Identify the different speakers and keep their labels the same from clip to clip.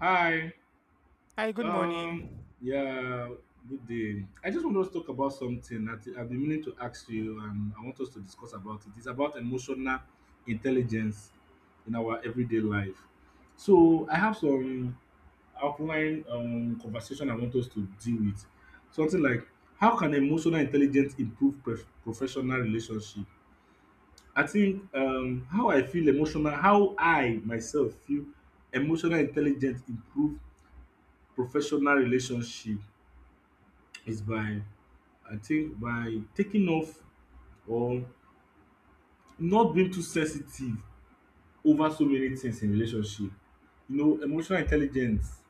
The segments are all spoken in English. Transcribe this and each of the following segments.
Speaker 1: Hi.
Speaker 2: Hi, good
Speaker 1: Um.
Speaker 2: morning.
Speaker 1: Yeah. Good day. I just want us to talk about something that I've been meaning to ask you, and I want us to discuss about it. It's about emotional intelligence in our everyday life. So I have some outline conversation I want us to deal with. Something like how can emotional intelligence improve professional relationship? I think how I feel emotional, how I myself feel emotional intelligence improve professional relationship is by I think by taking off or not being too sensitive over so many things in relationship. You know, emotional intelligence.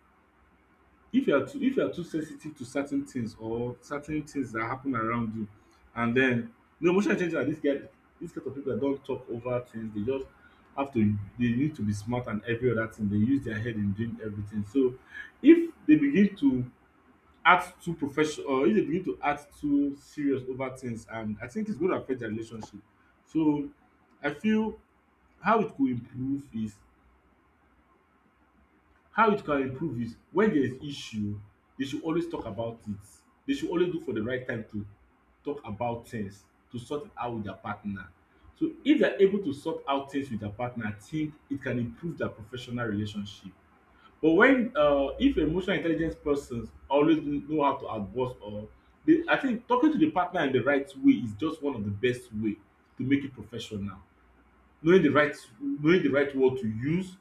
Speaker 1: If you are too sensitive to certain things or certain things that happen around you, and then the emotional intelligence are this guy this kind of people that don't talk over things. They just have to, they need to be smart and every other thing. They use their head in doing everything. So if they begin to act too profession or if dey begin to act too serious over things, and I think its going to affect their relationship. So I feel how it could improve is how it can improve is when there is issue. Dey should always talk about it, dey should always look for the right time to talk about things, to sort it out with their partner. So if they are able to sort out things with their partner, I think it can improve their professional relationship. But when if emotional intelligence persons always know how to advise, I think talking to the partner in the right way is just one of the best way to make it professional. Knowing the right knowing the right word to use,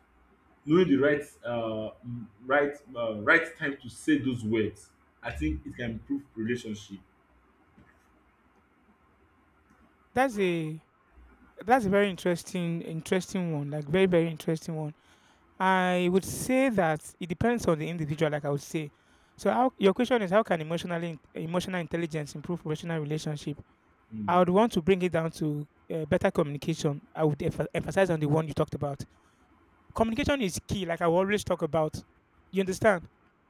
Speaker 1: knowing the right time to say those words, I think it can improve relationship.
Speaker 2: That's a that's a very interesting one, like very interesting one. I would say that it depends on the individual, like I would say. So how your question is how can emotional intelligence improve professional relationship? I
Speaker 1: Mm.
Speaker 2: would want to bring it down to better communication. I would emphasize on the one you talked about. Communication is key, like I will always talk about. You understand?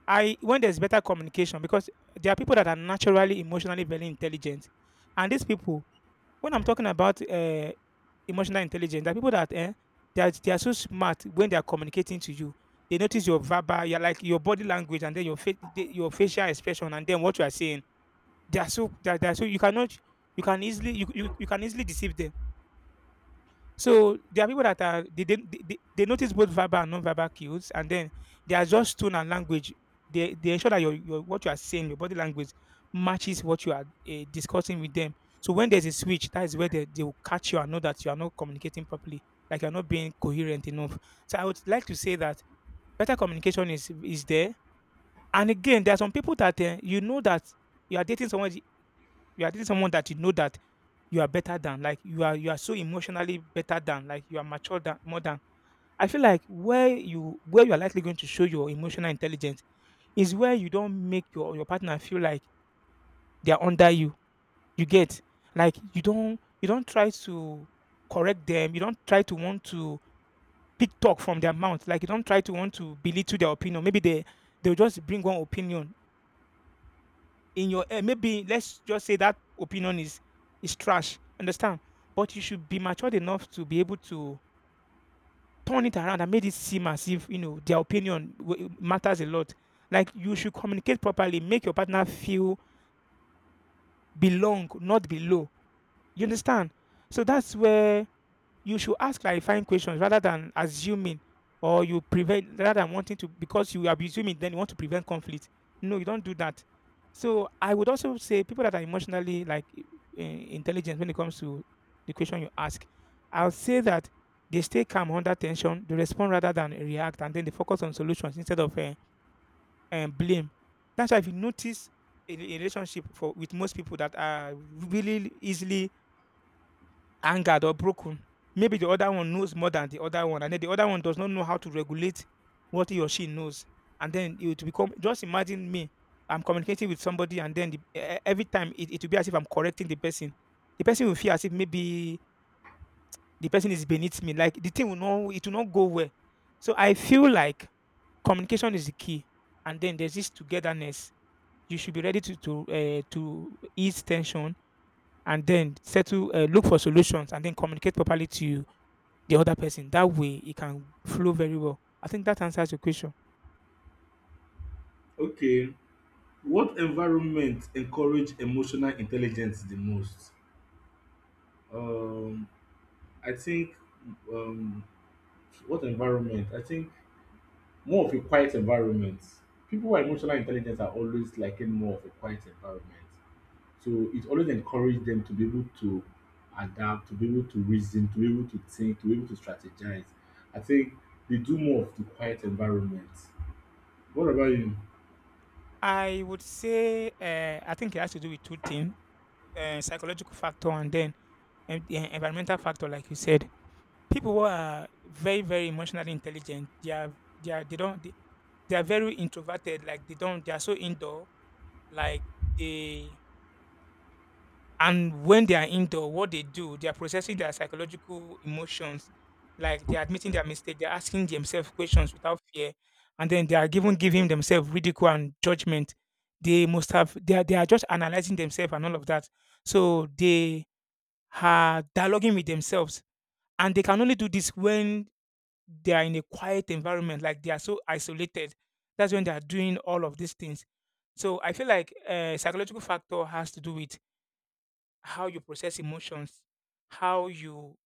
Speaker 2: I when there's better communication, because there are people that are naturally emotionally very intelligent, and these people, when I'm talking about emotional intelligence, there are people that they are so smart when they are communicating to you. They notice your verbal, your like your body language, and then your your facial expression, and then what you are saying they are so you cannot you can easily deceive them. So there are people that are they notice both verbal and non-verbal cues, and then they adjust tone and language. They ensure that your what you are saying, your body language matches what you are discussing with them. So when there's a switch, that is where they will catch you and know that you are not communicating properly, like you're not being coherent enough. So I would like to say that better communication is there. And again, there are some people that you know that you are dating someone you are dating someone that you know that you are better than, like you are so emotionally better than, like you are mature than more than. I feel like where you are likely going to show your emotional intelligence is where you don't make your partner feel like they are under you, you get, like you don't try to correct them, you don't try to want to pick talk from their mouth, like you don't try to want to belittle their opinion. Maybe they'll just bring one opinion in your head. Maybe let's just say that opinion is trash, understand? But you should be matured enough to be able to turn it around and made it seem as if you know their opinion matters a lot. Like you should communicate properly, make your partner feel belong, not below. You understand? So that's where you should ask clarifying questions rather than assuming, or you prevent, rather than wanting to, because you are assuming then you want to prevent conflict. No, you don't do that. So I would also say people that are emotionally like intelligent, when it comes to the question you ask, I'll say that they stay calm under tension, they respond rather than react, and then they focus on solutions instead of blame. That's why if you notice a relationship for with most people that are really easily angered or broken. Maybe the other one knows more than the other one, and then the other one does not know how to regulate what he or she knows. And then it will become, just imagine me, I'm communicating with somebody, and then every time it will be as if I'm correcting the person. The person will feel as if maybe the person is beneath me. Like the thing will not, it will not go well. So I feel like communication is the key, and then there's this togetherness. You should be ready to to ease tension and then settle, look for solutions, and then communicate properly to the other person. That way, it can flow very well. I think that answers your question.
Speaker 1: Okay, what environment encourage emotional intelligence the most? Um, I think um, what environment? I think more of a quiet environment. People who are emotionally intelligent are always liking more of a quiet environment. So it always encourage them to be able to adapt, to be able to reason, to be able to think, to be able to strategize. I think they do more of the quiet environment. What about you?
Speaker 2: I would say I think it has to do with two things: psychological factor and then the environmental factor, like you said. People who are very emotionally intelligent, they are, they are they don't they are very introverted, like they don't they are so indoor, like they, and when they are indoor, what they do, they are processing their psychological emotions, like they are admitting their mistake, they are asking themselves questions without fear, and then they are given giving themselves ridicule and judgment. They must have they are, They are just analyzing themselves and all of that. So they are dialoguing with themselves, and they can only do this when they are in a quiet environment, like they are so isolated. That's when they are doing all of these things. So I feel like psychological factor has to do with how you process emotions, how you,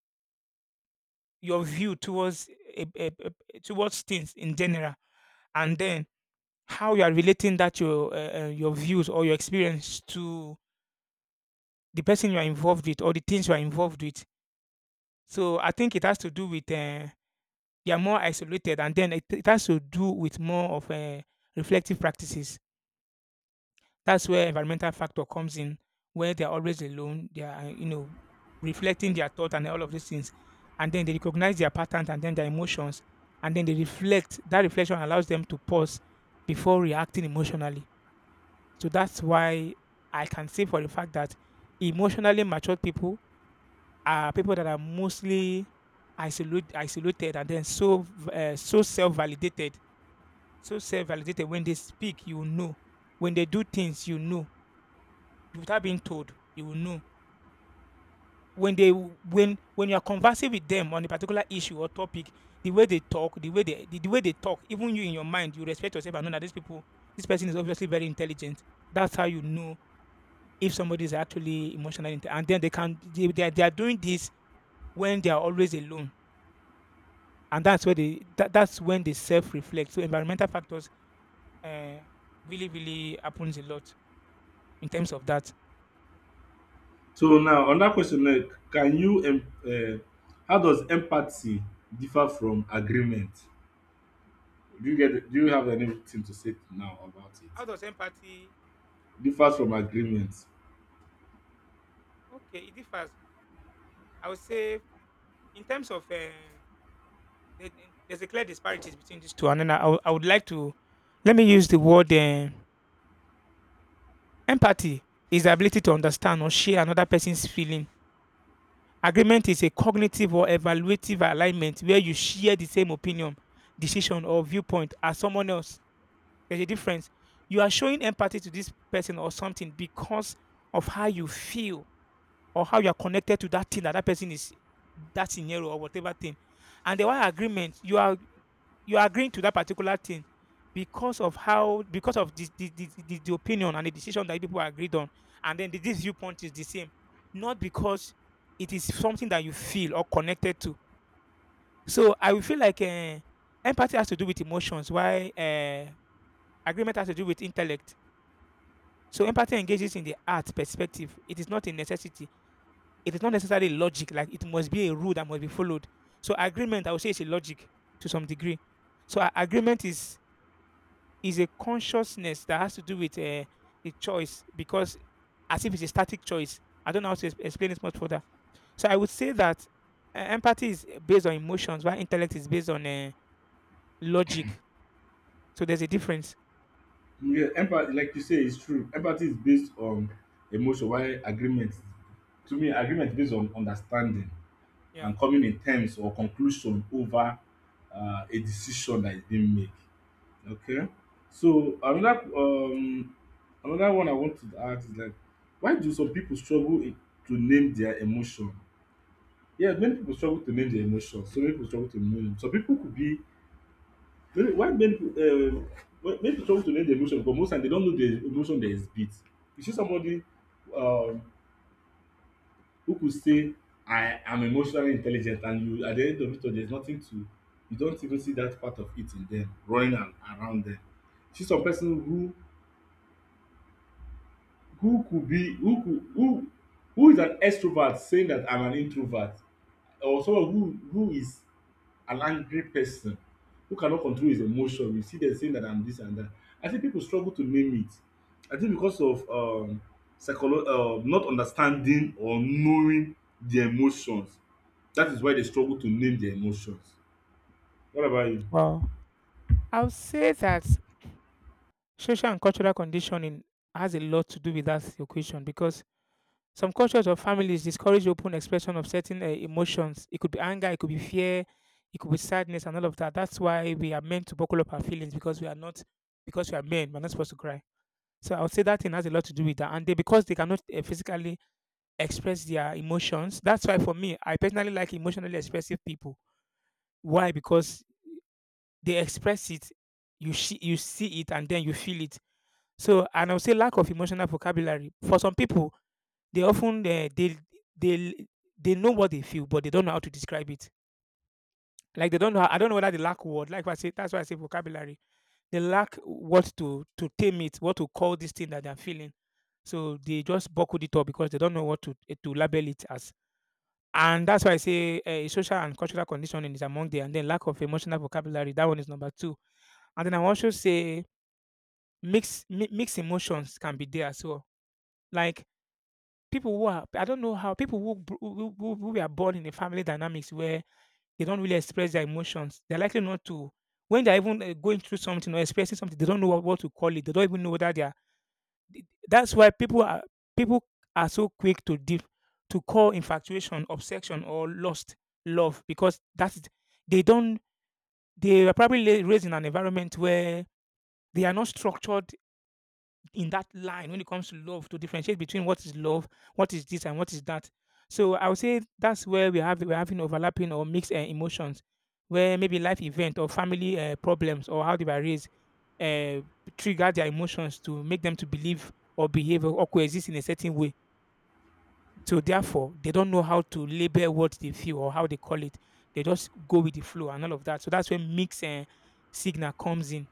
Speaker 2: your view towards a, a, towards things in general, and then how you are relating that your views or your experience to the person you are involved with or the things you are involved with. So I think it has to do with they are more isolated, and then it has to do with more of reflective practices. That's where environmental factor comes in, where they're always alone, they are, you know, reflecting their thought and all of these things. And then they recognize their patterns and then their emotions. And then they reflect. That reflection allows them to pause before reacting emotionally. So that's why I can say for the fact that emotionally matured people are people that are mostly isolated, and then so so self validated, so self validated. When they speak, you know. When they do things, you know, without being told, you will know. When when you are conversing with them on a particular issue or topic, the way they talk, the way the way they talk, even you in your mind, you respect yourself and know that these people, this person is obviously very intelligent. That's how you know if somebody is actually emotionally inte- and then they are doing this when they are always alone. And that's where that's when they self reflect. So environmental factors uh, really, really happens a lot in terms of that.
Speaker 1: So now on that question now, can you em- uh, how does empathy differ from agreement? Do you have anything to say now about it?
Speaker 2: How does empathy,
Speaker 1: Differs from agreement.
Speaker 2: okay, it differs. I would say, in terms of the, the- there's a clear disparities between these two, and then I would like to, let me use the word empathy is the ability to understand or share another person's feeling. Agreement is a cognitive or evaluative alignment where you share the same opinion, decision, or viewpoint as someone else. There's a difference. You are showing empathy to this person or something because of how you feel or how you are connected to that thing that person is, that scenario or whatever thing. And the one agreement, you are, you're agreeing to that particular thing because of how, because of the the opinion and the decision that people agreed on, and then this viewpoint is the same, not because it is something that you feel or connected to. So I will feel like empathy has to do with emotions, why agreement has to do with intellect. So empathy engages in the art perspective, it is not a necessity, it is not necessarily logic like it must be a rule that must be followed. So agreement, I would say, is a logic to some degree. So agreement is a consciousness that has to do with a choice, because as if it's a static choice. I don't know how to explain it much further. So I would say that empathy is based on emotions, while intellect is based on logic. So there's a difference.
Speaker 1: Yeah, empathy, like you say, is true. Empathy is based on emotion, while agreement, to me, agreement based on understanding
Speaker 2: Yeah.
Speaker 1: and coming in terms or conclusion over a decision that is being made. Okay, so another one I want to ask is like, why do some people struggle to name their emotion? Yeah, many people struggle to name their emotion. So many people struggle to name them. Some people could be. Really, why men struggle to learn the emotion because most times they don't know the emotion they exhibit. You see somebody um who could say I am emotionally intelligent, and you at the end of it all there is nothing to. You don't even see that part of it in them running and around them. See some person who could be who could who is an extrovert saying that I'm an introvert, or someone who is an angry person who cannot control his emotion. You see them saying that I'm this and that. I think people struggle to name it. I think because of not understanding or knowing the emotions. That is why they struggle to name their emotions. What about you?
Speaker 2: Well, I'll say that social and cultural conditioning has a lot to do with that equation, because some cultures or families discourage open expression of certain emotions. It could be anger, it could be fear, it could be sadness, and all of that. That's why we are meant to buckle up our feelings, because we are not, because we are men. We're not supposed to cry. So I would say that thing has a lot to do with that. And they, because they cannot physically express their emotions. That's why for me, I personally like emotionally expressive people. Why? Because they express it. You see it, and then you feel it. So, and I would say lack of emotional vocabulary. For some people, they often they they know what they feel, but they don't know how to describe it. Like they don't know. How, I don't know whether they lack word. Like I say, that's why I say vocabulary. They lack what to tame it, what to call this thing that they're feeling. So they just buckled it up because they don't know what to to label it as. And that's why I say social and cultural conditioning is among there, and then lack of emotional vocabulary. That one is number two. And then I will also say mixed emotions can be there as well. Like people who are, I don't know how people who br who were born in a family dynamics where they don't really express their emotions, they're likely not to when they're even, going through something or expressing something, they don't know what to call it. They don't even know whether they are th that's why people are so quick to diff to call infatuation, obsession, or lost love because that's— they don't— they were probably la raised in an environment where they are not structured in that line when it comes to love, to differentiate between what is love, what is this, and what is that. So I would say that's where we have we're having overlapping or mixed emotions, where maybe life event or family problems or how they were raised uh, trigger their emotions to make them to believe or behave or coexist in a certain way. So therefore, they don't know how to label what they feel or how they call it. They just go with the flow and all of that. So that's where mixed signal comes in.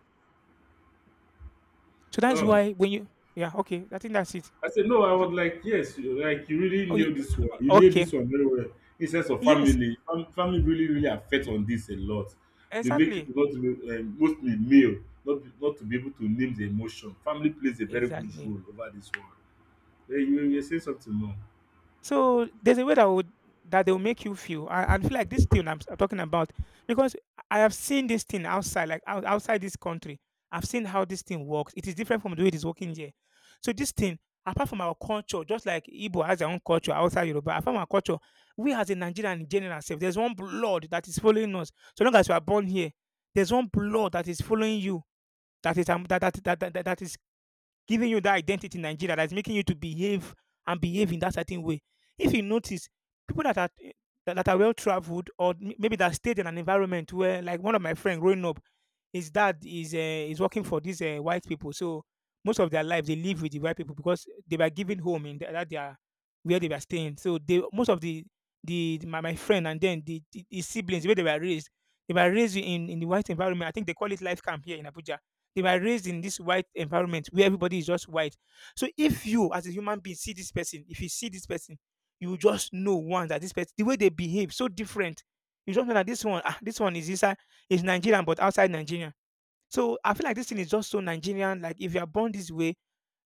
Speaker 2: So that's
Speaker 1: Oh.
Speaker 2: why when you— yeah, okay, I think that's it.
Speaker 1: I said, no, I
Speaker 2: You can,
Speaker 1: was like, yes, like you really
Speaker 2: oh,
Speaker 1: knew this one. You knew
Speaker 2: okay.
Speaker 1: this one very well. In sense of
Speaker 2: Yes,
Speaker 1: family, family really, really affect on this a lot. They make
Speaker 2: exactly,
Speaker 1: people not to be, mostly male, not to be able to name the emotion. Family plays a very good
Speaker 2: exactly.
Speaker 1: role over this one. Then you say something more.
Speaker 2: So there's a way that would that they will make you feel and feel like this thing I'm, I'm talking about because I have seen this thing outside, like outside this country. I've seen how this thing works. It is different from the way it is working here. So this thing, apart from our culture, just like Igbo has their own culture outside Yoruba, apart from our culture, we as a Nigerian in general, self, there's one blood that is following us. So long as we are born here, there's one blood that is following you. That is that is giving you that identity in Nigeria that's making you to behave and behave in that certain way. If you notice, people that are that are well traveled or maybe that stayed in an environment where, like one of my friend growing up, his dad is working for these white people, so most of their life they live with the white people because they were given home in the, that they are where they were staying. So they most of the, my friend and then the siblings where they were raised in the white environment. I think they call it life camp here in Abuja they were raised in this white environment where everybody is just white. So if you, as a human being, see this person, if you see this person, you will just know one that this person, the way they behave, so different. You just know that this one, ah, this one is inside, is Nigerian, but outside Nigeria. So I feel like this thing is just so Nigerian. Like if you are born this way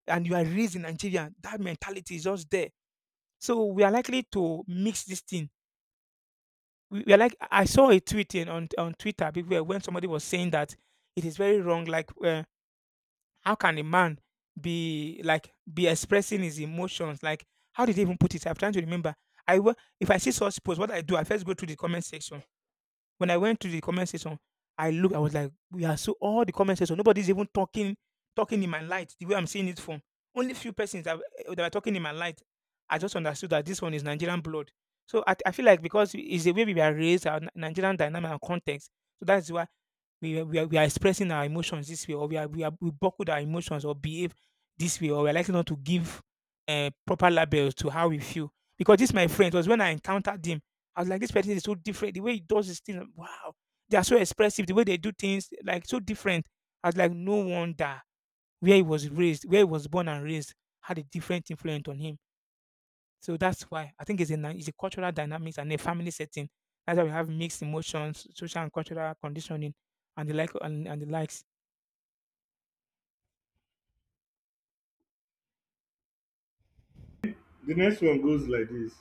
Speaker 2: and you are raised in Nigeria, that mentality is just there. So we are likely to mix this thing. We are like I saw a tweet in, on Twitter people, when somebody was saying that it is very wrong. Like how can a man be expressing his emotions? Like, how did they even put it? I'm trying to remember. If I see such post, what I do, I first go to the comment section. When I went to the comment section, I looked. I was like, we are so all the comment section. Nobody's even talking in my light the way I'm seeing it from. Only few persons that, that were talking in my light. I just understood that this one is Nigerian blood. So I feel like because it's the way we are raised, our Nigerian dynamic and context. So that's why we are expressing our emotions this way, or we buckled our emotions or behave this way, or we're likely not to give proper labels to how we feel. Because this my friend it was when I encountered him, I was like, this person is so different. The way he does his things, wow, they are so expressive. The way they do things, like so different. I was like, no wonder where he was raised, where he was born and raised, had a different influence on him, so that's why I think it's a it's a cultural dynamics and a family setting. That's why we have mixed emotions, social and cultural conditioning, and the like and the likes.
Speaker 1: The next one goes like this.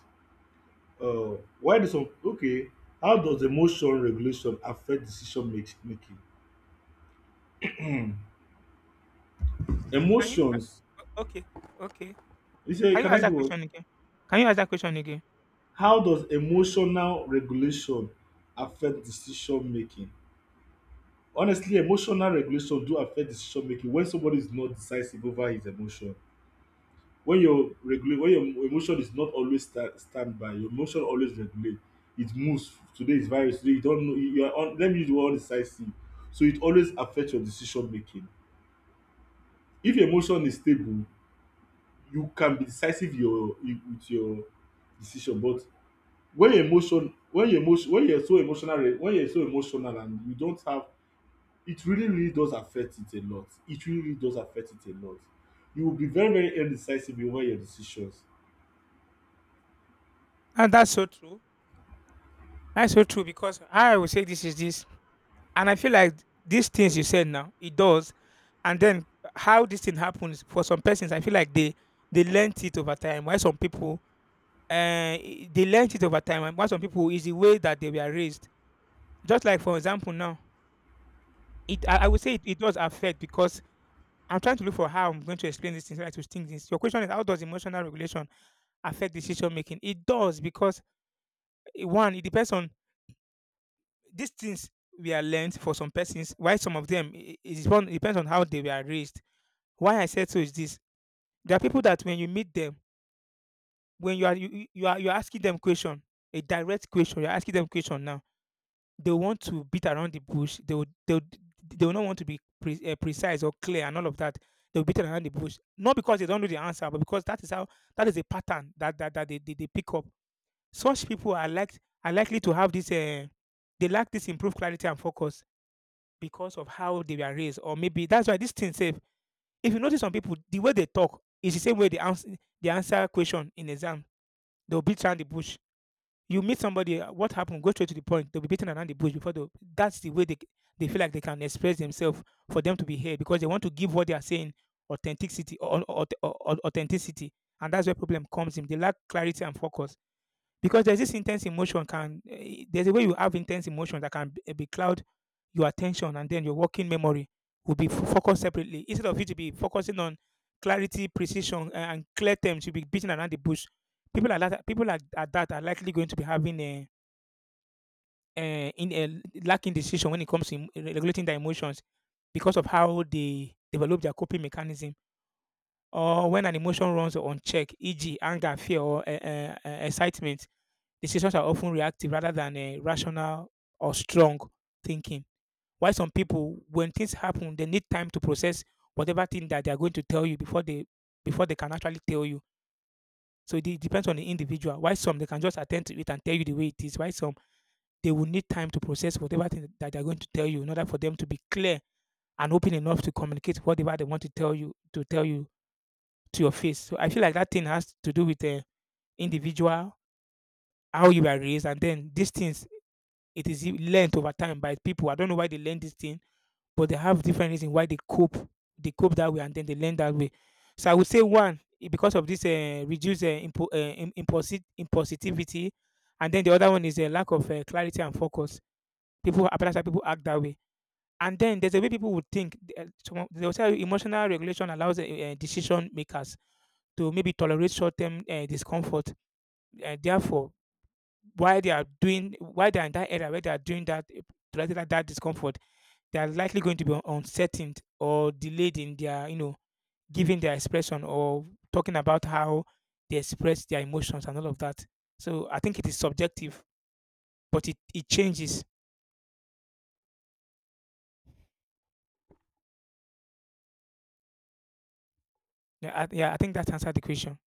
Speaker 1: Why do some okay? How does emotion regulation affect decision making?
Speaker 2: Can you?
Speaker 1: Emotions.
Speaker 2: Okay, okay.
Speaker 1: You say,
Speaker 2: Can you
Speaker 1: can I
Speaker 2: ask
Speaker 1: do
Speaker 2: that
Speaker 1: what?
Speaker 2: question again? Can you ask that question again?
Speaker 1: How does emotional regulation affect decision making? Honestly, emotional regulation do affect decision making when somebody is not decisive over his emotion. When your emotion is not always stand by, your emotion always regulate. It moves. Today is virus, today you don't know. You are un let me use the word decisive. So it always affect your decision making. If your emotion is stable, you can be decisive your with your decision. But when you're so emotional and you don't have, it really, really does affect it a lot. It really really does affect it a lot You will be very, very indecisive in all your decisions.
Speaker 2: And that's so true. That's so true because I will say this is this, and I feel like these things you said now it does, and then how this thing happens for some persons, I feel like they learnt it over time. Why some people, they learnt it over time, and why some people is the way that they were raised. Just like for example now, it I would say it does affect because I'm trying to look for how I'm going to explain this thing so I to think this. Your question is how does emotional regulation affect decision making? It does because one, it depends on these things we are learned for some persons, why some of them it is one it depends on how they were raised. Why I said so is this. There are people that when you meet them, when you are you're asking them question, a direct question, you're asking them question now they want to beat around the bush. They will not want to be precise or clear and all of that. They'll beat around the bush, not because they don't know the answer, but because that is how that is a pattern that they, they pick up. Such people are like are likely to have this. They lack this improved clarity and focus because of how they were raised, or maybe that's why this thing safe. If you notice some people, the way they talk is the same way they answer question in exam. They'll beat around the bush you meet somebody, what happened? Go straight to the point. They'll be beaten around the bush before they. That's the way they feel like they can express themselves for them to be heard because they want to give what they are saying authenticity, or authenticity, and that's where problem comes in. They lack clarity and focus. Because there's this intense emotion can eh, there's a way you have intense emotion that can be cloud your attention, and then your working memory will be focused separately. Instead of you to be focusing on clarity, precision, and clear terms, you'll be beating around the bush. People like at that are likely going to be having a in a lacking decision when it comes to regulating their emotions because of how they develop their coping mechanism or when an emotion runs unchecked, e.g., anger, fear, or excitement. Decisions are often reactive rather than rational or strong thinking. Why some people, when things happen, they need time to process whatever thing that they are going to tell you before they can actually tell you. So it depends on the individual. Why some they can just attend to it and tell you the way it is. Why some they will need time to process whatever thing that they are going to tell you in order for them to be clear and open enough to communicate whatever they want to tell you to your face. So I feel like that thing has to do with the individual, how you are raised, and then these things. It is learned over time by people. I don't know why they learn this thing, but they have different reason why they cope. They cope that way, and then they learn that way. So I would say one because of this reduced impulsivity, and then the other one is a lack of clarity and focus. People, apparently, some people act that way. And then there's a way people would think. They will say emotional regulation allows decision makers to maybe tolerate short-term discomfort. Therefore, Why they are in that area where they are doing that tolerating that discomfort, they are likely going to be uncertain or delayed in their, giving their expression or talking about how they express their emotions and all of that. So I think it is subjective, but it changes. Yeah, yeah, I think that answered the question.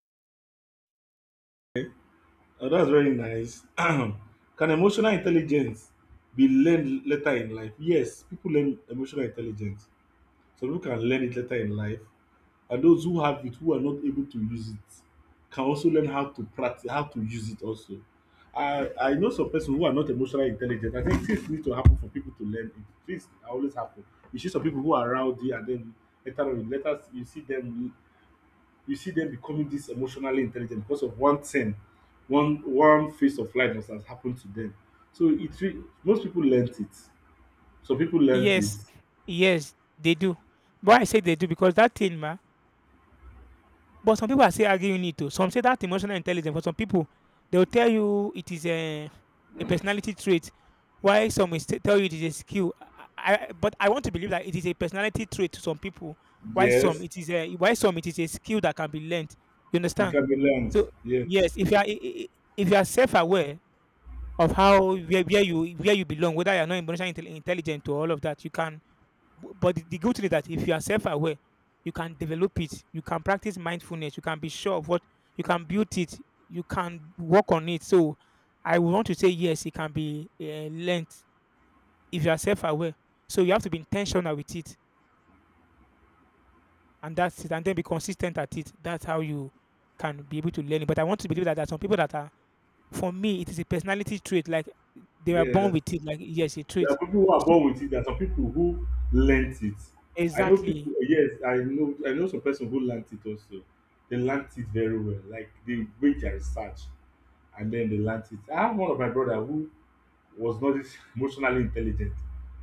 Speaker 1: And that's very nice. Can emotional intelligence be learned later in life? Yes, people learn emotional intelligence. Some people can learn it later in life. And those who have it, who are not able to use it, can also learn how to practice, how to use it also. I know some persons who are not emotionally intelligent. I think things need to happen for people to learn it. Things always happen. You see some people who are rowdy, and then later on in letters you see them, becoming this emotionally intelligent because of one thing, one phase of life that has happened to them. So it re- most people learned it. Some people learned
Speaker 2: Yes,
Speaker 1: it.
Speaker 2: yes, they do. Why I say they do because that thing, ma. But some people are still arguing it oh. Some say that emotional intelligence for some people, they will tell you it is a personality trait. Why some will still tell you it is a skill. But I want to believe that it is a personality trait to some people. Why some
Speaker 1: Yes,
Speaker 2: it is a why some it is a skill that can be learned. You
Speaker 1: it
Speaker 2: understand?
Speaker 1: can be learned.
Speaker 2: So
Speaker 1: Yes.
Speaker 2: yes, if you are if you are self-aware of how where you belong, whether you are not intelligent or all of that, you can But the good thing is that if you are self-aware, you can develop it. You can practice mindfulness. You can be sure of what you can build it. You can work on it. So I would want to say yes, it can be learned if you are self-aware. So you have to be intentional with it, and that's it. And then be consistent at it. That's how you can be able to learn it. But I want to believe that there are some people that are, for me, it is a personality trait. Like they were born
Speaker 1: Yes.
Speaker 2: with it. Like yes, a
Speaker 1: There are
Speaker 2: trait.
Speaker 1: people who are
Speaker 2: So,
Speaker 1: born with it. There are some people who learnt it. I know people.
Speaker 2: exactly.
Speaker 1: Yes, I know. I know some person who learnt it also. They learnt it very well. Like, they made their research and then they learnt it. I have one of my brother who was not this emotionally intelligent.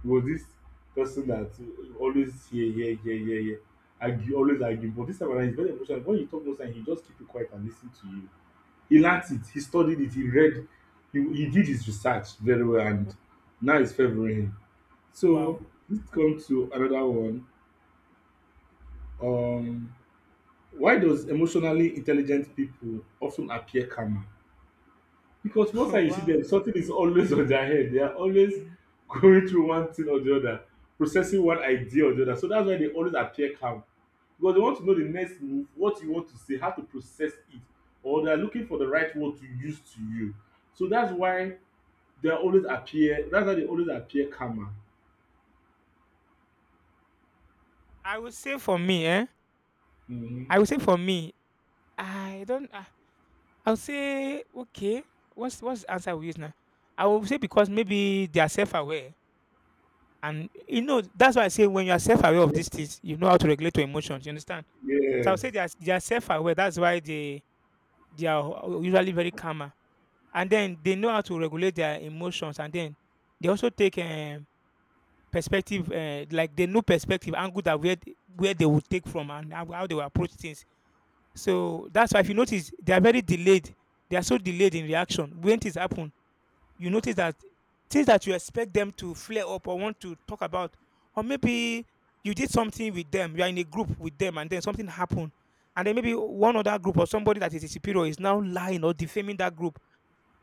Speaker 1: He was this person that always yeah yeah yeah yeah yeah argue, always argue. But this time around he's very emotional. When you talk most time, he just keep you quiet and listen to you. He learnt it. He studied it. He read. He did his research very well, and now it's favoring him. So
Speaker 2: Wow.
Speaker 1: this comes to another one. um why does emotionally intelligent people of ten appear calmer? Because most time you see
Speaker 2: Wow.
Speaker 1: dem something is always on their head, they are always
Speaker 2: Mm-hmm.
Speaker 1: going through one thing or the other, processing one idea or the other. So that's why they always appear calm, because they want to know the next move, what you want to say, how to process it, or they are looking for the right word to use to you. So that's why they always appear calmer.
Speaker 2: I would say for me, eh?
Speaker 1: Mhm.
Speaker 2: I would say for me, I don't. I will say okay. What's the answer we use now? I will say because maybe they are self-aware, and you know that's why I say when you are self-aware of these things, you know how to regulate your emotions. You understand? So I will say
Speaker 1: Yes.
Speaker 2: they are self-aware. That's why they are usually very calmer, and then they know how to regulate their emotions, and then they also take perspective, like they know perspective angle that where they will take from and how they will approach things. So that's why if you notice, they are very delayed. They are so delayed in reaction. When things happen, you notice that things that you expect them to flare up or want to talk about, or maybe you did something with them, you are in a group with them, and then something happened. And then maybe one other group or somebody that is a superior is now lying or defaming that group.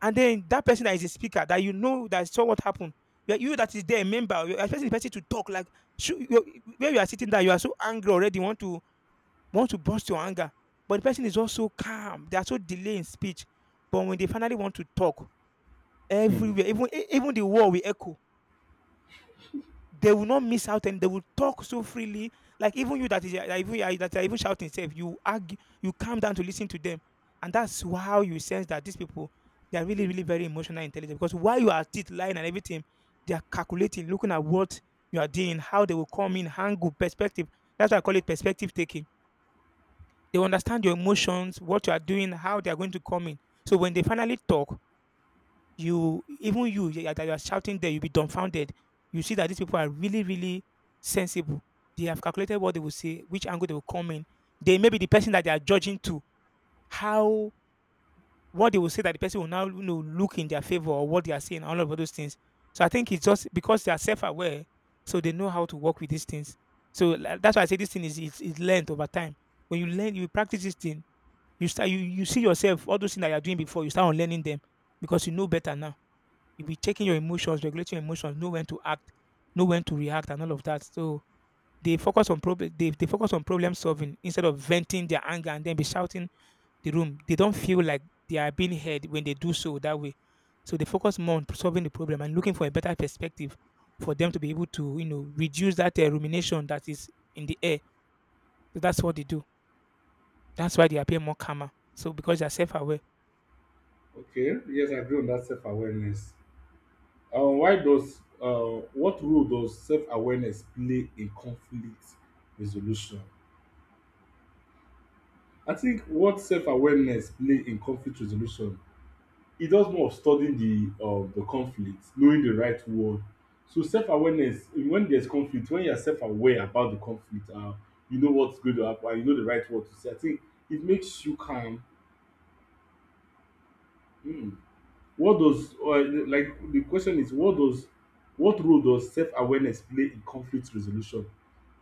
Speaker 2: And then that person that is a speaker that you know that saw what happened, you that is there, a member, you're expecting the person to talk like, where you are sitting there, you are so angry already, you want to burst your anger, but the person is also calm. They are so delay in speech, but when they finally want to talk, everywhere, even even the wall will echo. They will not miss out, and they will talk so freely. Like even you that is that even that are even shouting, self, you argue, you calm down to listen to them, and that's how you sense that these people they are really really very emotional intelligent because while you are still lying and everything, they are calculating, looking at what you are doing, how they will come in, angle, perspective. That's why I call it perspective taking. They understand your emotions, what you are doing, how they are going to come in. So when they finally talk, you even are that you are shouting there, you'll be dumbfounded. You see that these people are really, really sensible. They have calculated what they will say, which angle they will come in. They may be the person that they are judging to, how what they will say that the person will now look in their favor or what they are saying, all of those things. So I think it's just because they are self-aware, so they know how to work with these things. So like, that's why I say this thing is learned over time. When you learn, you practice this thing you start you see yourself all those things that you are doing before you start unlearning them because you know better now. You'll be checking your emotions, regulating your emotions, know when to act, know when to react, and all of that. So they focus on problem solving instead of venting their anger and then be shouting the room. They don't feel like they are being heard when they do so that way. So they focus more on solving the problem and looking for a better perspective for them to be able to, reduce that rumination that is in the air. So that's what they do. That's why they appear more calmer. So because they are self-aware.
Speaker 1: Okay, yes, I agree on that self-awareness. Why does what role does self-awareness play in conflict resolution? I think what self-awareness play in conflict resolution, it does more of studying the conflict, knowing the right word. So self-awareness, when there's conflict, when you're self-aware about the conflict, you know what's going to happen, you know the right word to say. I think it makes you calm. Hmm. What does or Like, the question is, what role does self awareness play in conflict resolution?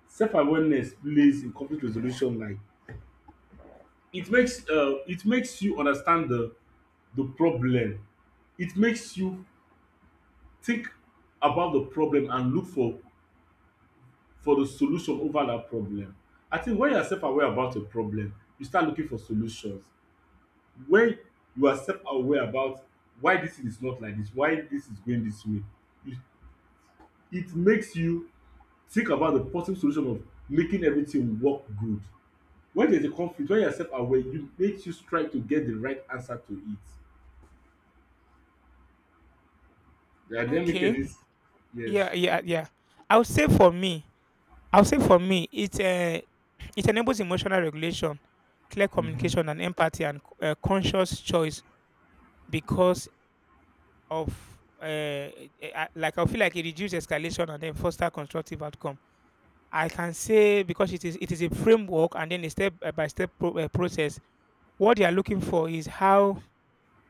Speaker 1: Self awareness plays in conflict resolution, like it makes you understand the problem. It makes you think about the problem and look for the solution over that problem. I think when you are self aware about a problem, you start looking for solutions. When you are self aware about why this thing is not like this, why this is going this way, you it makes you think about the possible solution of making everything work good. When there's a conflict, when you're self aware, it makes you strive to get the right answer to it. The academic and
Speaker 2: Okay.
Speaker 1: is. Yes.
Speaker 2: Yeah, yeah, yeah. I would say for me, I would say for me, it it enables emotional regulation, clear
Speaker 1: Hmm.
Speaker 2: communication, and empathy, and conscious choice because of uh, eh, like I feel like it reduces escalation and then foster constructive outcome. I can say because it is a framework and then a step by step process. What they are looking for is how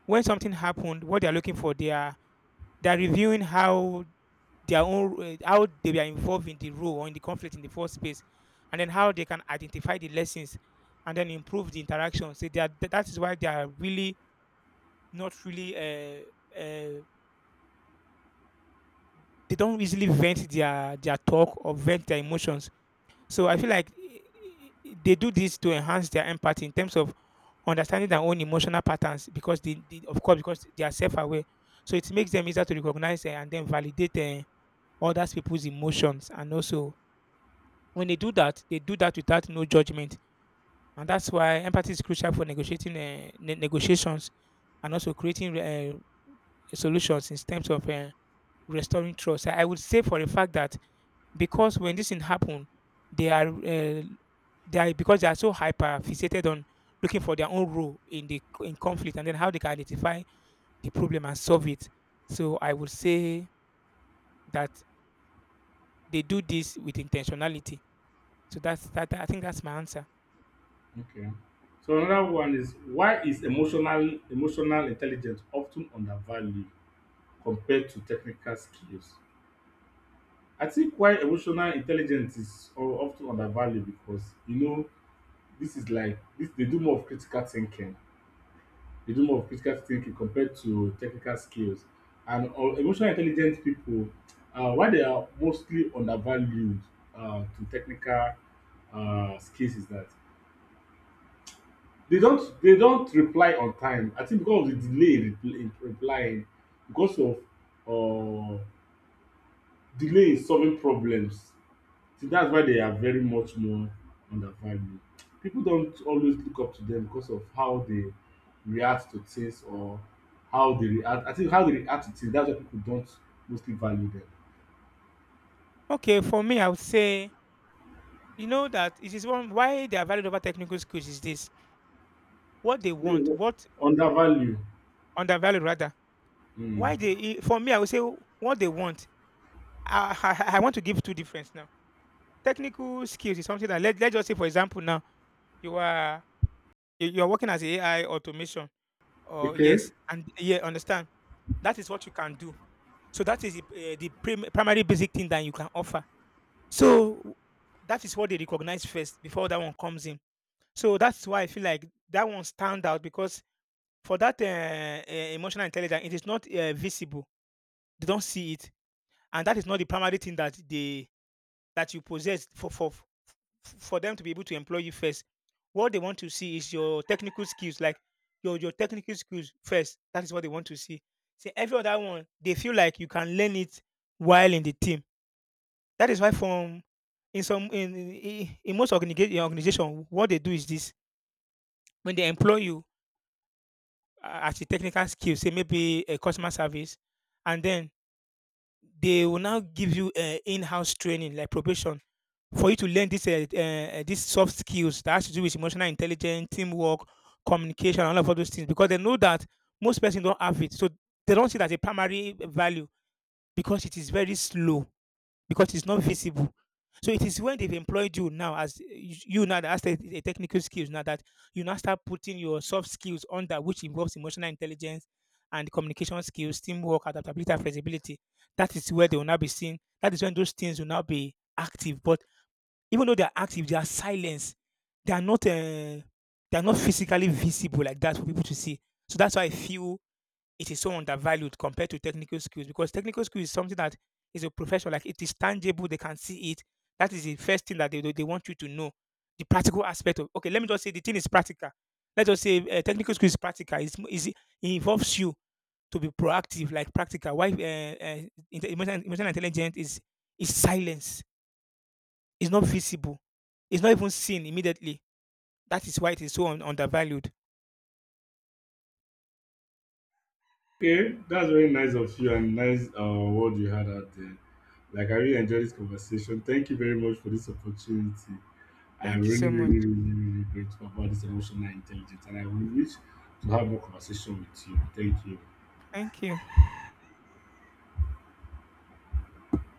Speaker 2: when something happened, what they are looking for, they are reviewing how their own how they were involved in the role or in the conflict in the first place and then how they can identify the lessons and then improve the interaction so they are, that is why they are really not really uh, they don't easily vent their talk or vent their emotions so I feel like they do this to enhance their empathy in terms of understanding their own emotional patterns because they of course because they are self-aware so it makes them easier to recognize and then validate others people's emotions and also when they do that without no judgment, and that's why empathy is crucial for negotiating negotiations and also creating solutions in terms of restoring trust. I would say for the fact that because when this thing happen, they are uh, they are because they are so hyper fixated on looking for their own role in the in conflict and then how they can identify the problem and solve it. So I would say that they do this with intentionality. So that's that. I think that's my answer.
Speaker 1: Okay. So another one is, why is emotional intelligence often undervalued compared to technical skills? I think why
Speaker 2: Oh,
Speaker 1: emotional intelligence is often undervalued, because you know this is like this, they do more of critical thinking, compared to technical skills. And emotional intelligent people, why they are mostly undervalued to technical skills is that they don't reply on time. I think because of the delay in replying, because of uh, delay in solving problems. So that's why they are very much more undervalued. People don't always look up to them because of how they react to things, or how they react. I think how they react to things, that's why people don't mostly value them.
Speaker 2: okay, for me, I would say you know that it is one why they are valued over technical skills is this what they want,
Speaker 1: No,
Speaker 2: what
Speaker 1: undervalue.
Speaker 2: undervalued rather.
Speaker 1: Mm.
Speaker 2: Why they for me, I would say what they want. I want to give two difference now. Technical skills is something that let's just say for example now, you are you are working as a AI automation or
Speaker 1: Okay.
Speaker 2: yes, and yeah, understand. That is what you can do. So that is the primary basic thing that you can offer. So that is what they recognize first before that one comes in. So that's why I feel like that one stand out because for that emotional intelligence, it is not visible. They don't see it, and that is not the primary thing that they that you possess for them to be able to employ you first, what they want to see is your technical skills, like your technical skills first. That is what they want to see. See every other one, they feel like you can learn it while in the team. That is why from in some in most organization, what they do is this: when they employ you as a technical skill, say maybe a customer service, and then they will now give you in-house training like probation for you to learn this these soft skills that has to do with emotional intelligence, teamwork, communication, and all of all those things because they know that most persons don't have it, so they don't see it as a primary value because it is very slow because it's not visible. So it is when they've employed you now as you now that has the technical skills now that you now start putting your soft skills under which involves emotional intelligence and communication skills, teamwork, adaptability, and flexibility. That is where they will now be seen. That is when those things will now be active. But even though they are active, they are silence. They are not uh, they are not physically visible like that for people to see. So that's why I feel it is so undervalued compared to technical skills because technical skill is something that is a profession like it is tangible they can see it that is the first thing that they they want you to know the practical aspect of okay let me just say the thing is practical let's just say technical skill is practical it's, is it involves you to be proactive like practical why emotional intelligence is silence it's not visible it's not even seen immediately that is why it is so undervalued.
Speaker 1: Okay. That's very nice of you, and nice word you had out there. Like, I really enjoyed this conversation. Thank you very much for this opportunity. I
Speaker 2: Thank you
Speaker 1: really,
Speaker 2: so much.
Speaker 1: really, really, really really grateful about this emotional intelligence, and I will wish to have more conversation with you. Thank you.
Speaker 2: Thank you.